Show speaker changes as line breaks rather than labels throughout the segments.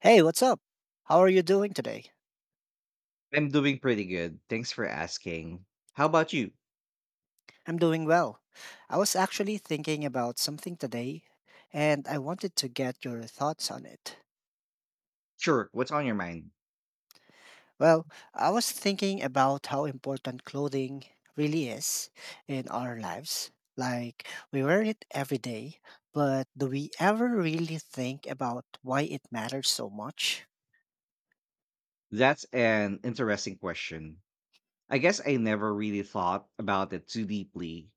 Hey, what's up? How are you doing today?
I'm doing pretty good. Thanks for asking. How about you?
I'm doing well. I was actually thinking about something today, and I wanted to get your thoughts on it.
Sure, what's on your mind?
Well, I was thinking about how important clothing really is in our lives. Like, we wear it every day, but do we ever really think about why it matters so much?
That's an interesting question. I guess I never really thought about it too deeply.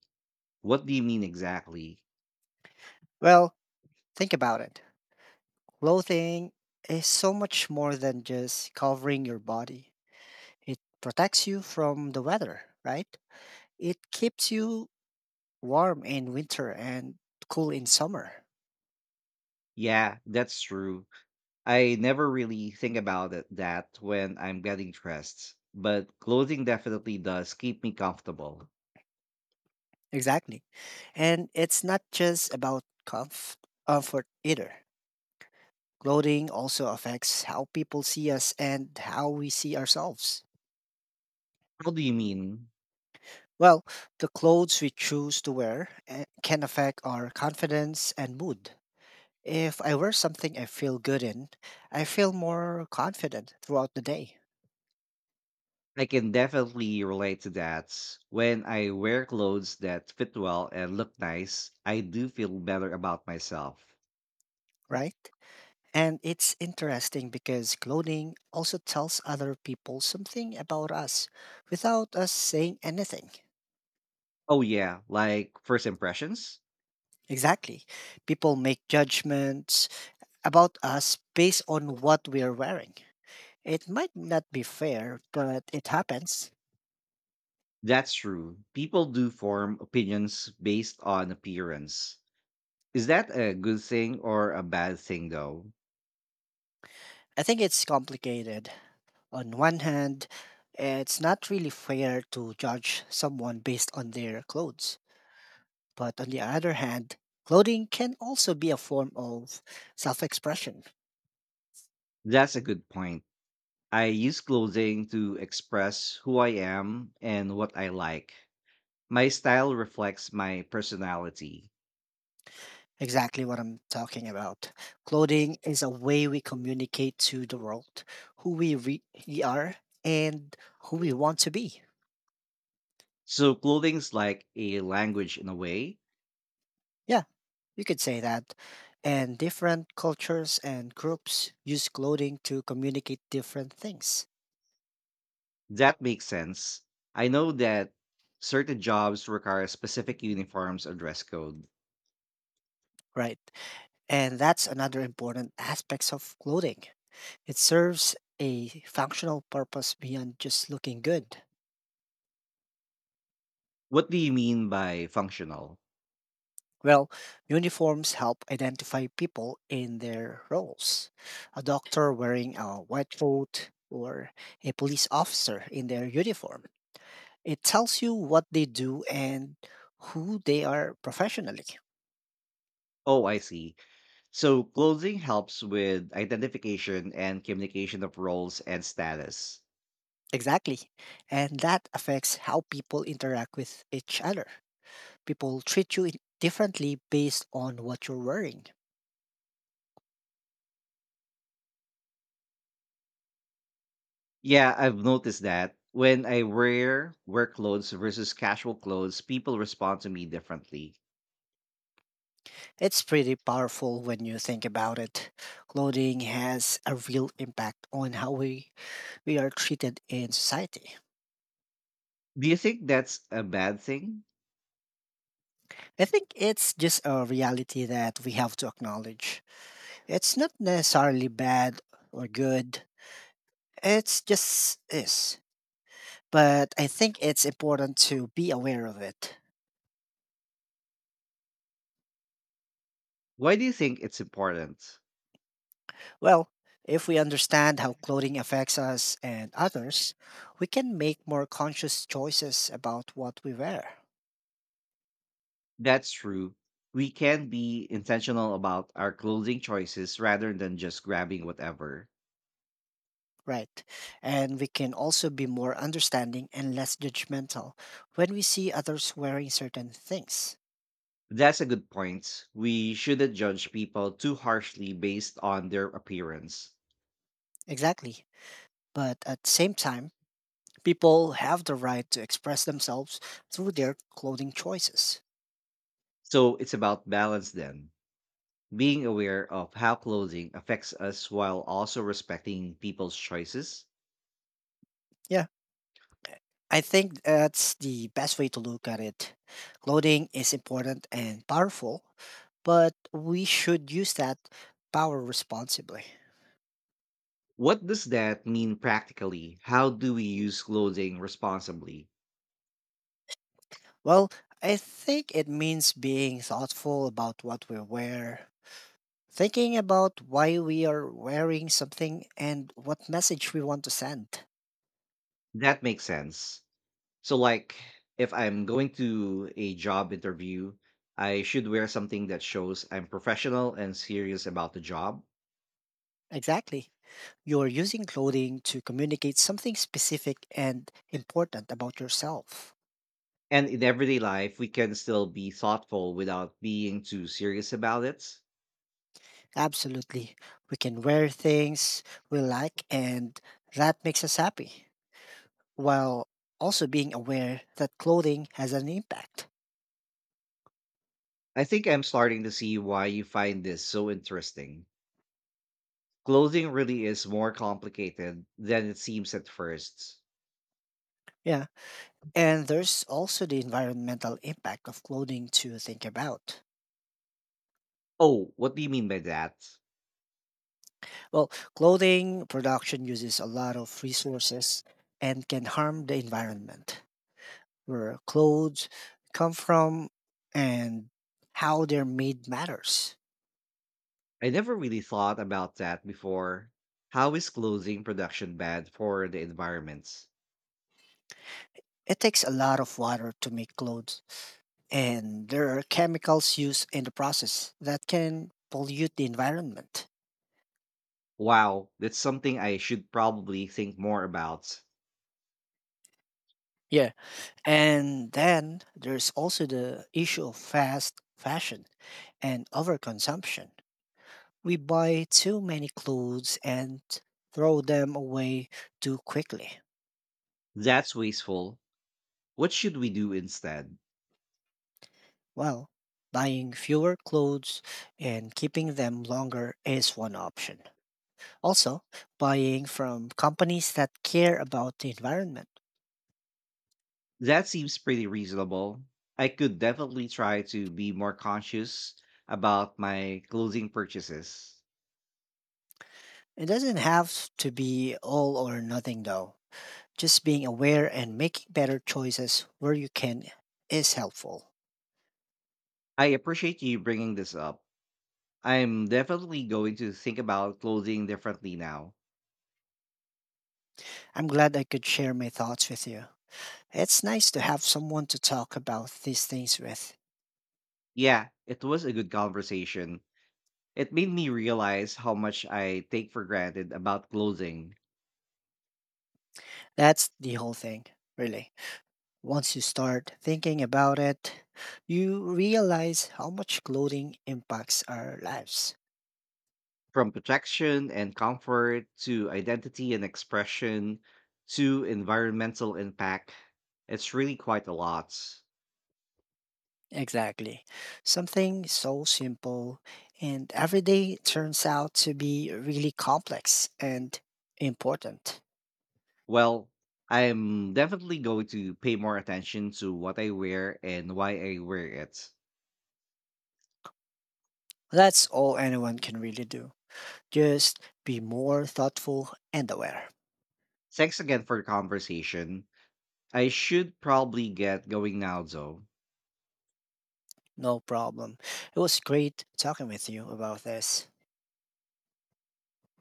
What do you mean exactly?
Well, think about it. Clothing is so much more than just covering your body. It protects you from the weather, right? It keeps you warm in winter and cool in summer.
Yeah, that's true. I never really think about it that when I'm getting dressed, but clothing definitely does keep me comfortable.
Exactly. And it's not just about comfort either. Clothing also affects how people see us and how we see ourselves.
How do you mean?
Well, the clothes we choose to wear can affect our confidence and mood. If I wear something I feel good in, I feel more confident throughout the day,
I can definitely relate to that. When I wear clothes that fit well and look nice, I do feel better about myself.
right? And it's interesting because clothing also tells other people something about us without us saying anything.
Oh, yeah, like first impressions?
Exactly. People make judgments about us based on what we're wearing. It might not be fair, but it happens.
That's true. People do form opinions based on appearance. Is that a good thing or a bad thing, though?
I think it's complicated. On one hand, it's not really fair to judge someone based on their clothes. But on the other hand, clothing can also be a form of self expression.
That's a good point. I use clothing to express who I am and what I like. My style reflects my personality.
Exactly what I'm talking about. Clothing is a way we communicate to the world who we really are and who we want to be.
So clothing's like a language in a way.
Yeah, you could say that. And different cultures and groups use clothing to communicate different things,
That makes sense. I know that certain jobs require specific uniforms or dress code.
right? And that's another important aspect of clothing. It serves a functional purpose beyond just looking good.
What do you mean by functional?
Well, uniforms help identify people in their roles. A doctor wearing a white coat or a police officer in their uniform. It tells you what they do and who they are professionally.
Oh, I see. So clothing helps with identification and communication of roles and status.
Exactly. And that affects how people interact with each other. People treat you differently based on what you're wearing.
Yeah, I've noticed that when I wear work clothes versus casual clothes, people respond to me differently.
It's pretty powerful when you think about it. Clothing has a real impact on how we are treated in society.
Do you think that's a bad thing?
I think it's just a reality that we have to acknowledge. It's not necessarily bad or good, it's just is. But I think it's important to be aware of it.
Why do you think it's important?
Well, if we understand how clothing affects us and others, we can make more conscious choices about what we wear.
That's true. We can be intentional about our clothing choices rather than just grabbing whatever.
Right. And we can also be more understanding and less judgmental when we see others wearing certain things.
That's a good point. We shouldn't judge people too harshly based on their appearance.
Exactly. But at the same time, people have the right to express themselves through their clothing choices.
So it's about balance then, being aware of how clothing affects us while also respecting people's choices.
Yeah. I think that's the best way to look at it. Clothing is important and powerful, but we should use that power responsibly.
What does that mean practically? How do we use clothing responsibly?
Well, I think it means being thoughtful about what we wear, thinking about why we are wearing something and what message we want to send.
That makes sense. So like if I'm going to a job interview, I should wear something that shows I'm professional and serious about the job.
Exactly. You're using clothing to communicate something specific and important about yourself.
And in everyday life, we can still be thoughtful without being too serious about it.
Absolutely. We can wear things we like, and that makes us happy, while also being aware that clothing has an impact.
I think I'm starting to see why you find this so interesting. Clothing really is more complicated than it seems at first.
Yeah. And there's also the environmental impact of clothing to think about.
Oh, what do you mean by that?
Well, clothing production uses a lot of resources and can harm the environment, where clothes come from and how they're made matters.
I never really thought about that before. How is clothing production bad for the environment?
It takes a lot of water to make clothes, and there are chemicals used in the process that can pollute the environment.
Wow, that's something I should probably think more about.
Yeah. And then there's also the issue of fast fashion and overconsumption. We buy too many clothes and throw them away too quickly.
That's wasteful. What should we do instead?
Well, buying fewer clothes and keeping them longer is one option. Also, buying from companies that care about the environment.
That seems pretty reasonable. I could definitely try to be more conscious about my clothing purchases.
It doesn't have to be all or nothing though. Just being aware and making better choices where you can is helpful.
I appreciate you bringing this up. I'm definitely going to think about clothing differently now.
I'm glad I could share my thoughts with you. It's nice to have someone to talk about these things with.
Yeah, it was a good conversation. It made me realize how much I take for granted about clothing.
That's the whole thing, really. Once you start thinking about it, you realize how much clothing impacts our lives.
From protection and comfort to identity and expression to environmental impact, it's really quite a lot.
Exactly. Something so simple and everyday turns out to be really complex and important.
Well, I'm definitely going to pay more attention to what I wear and why I wear it.
That's all anyone can really do. Just be more thoughtful and aware.
Thanks again for the conversation. I should probably get going now, though.
No problem. It was great talking with you about this.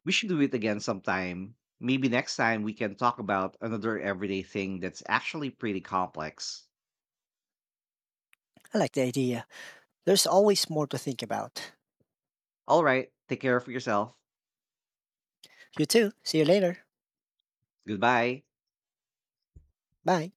We should do it again sometime. Maybe next time we can talk about another everyday thing that's actually pretty complex.
I like the idea. There's always more to think about.
All right, take care of yourself.
You too. See you later.
Goodbye.
Bye.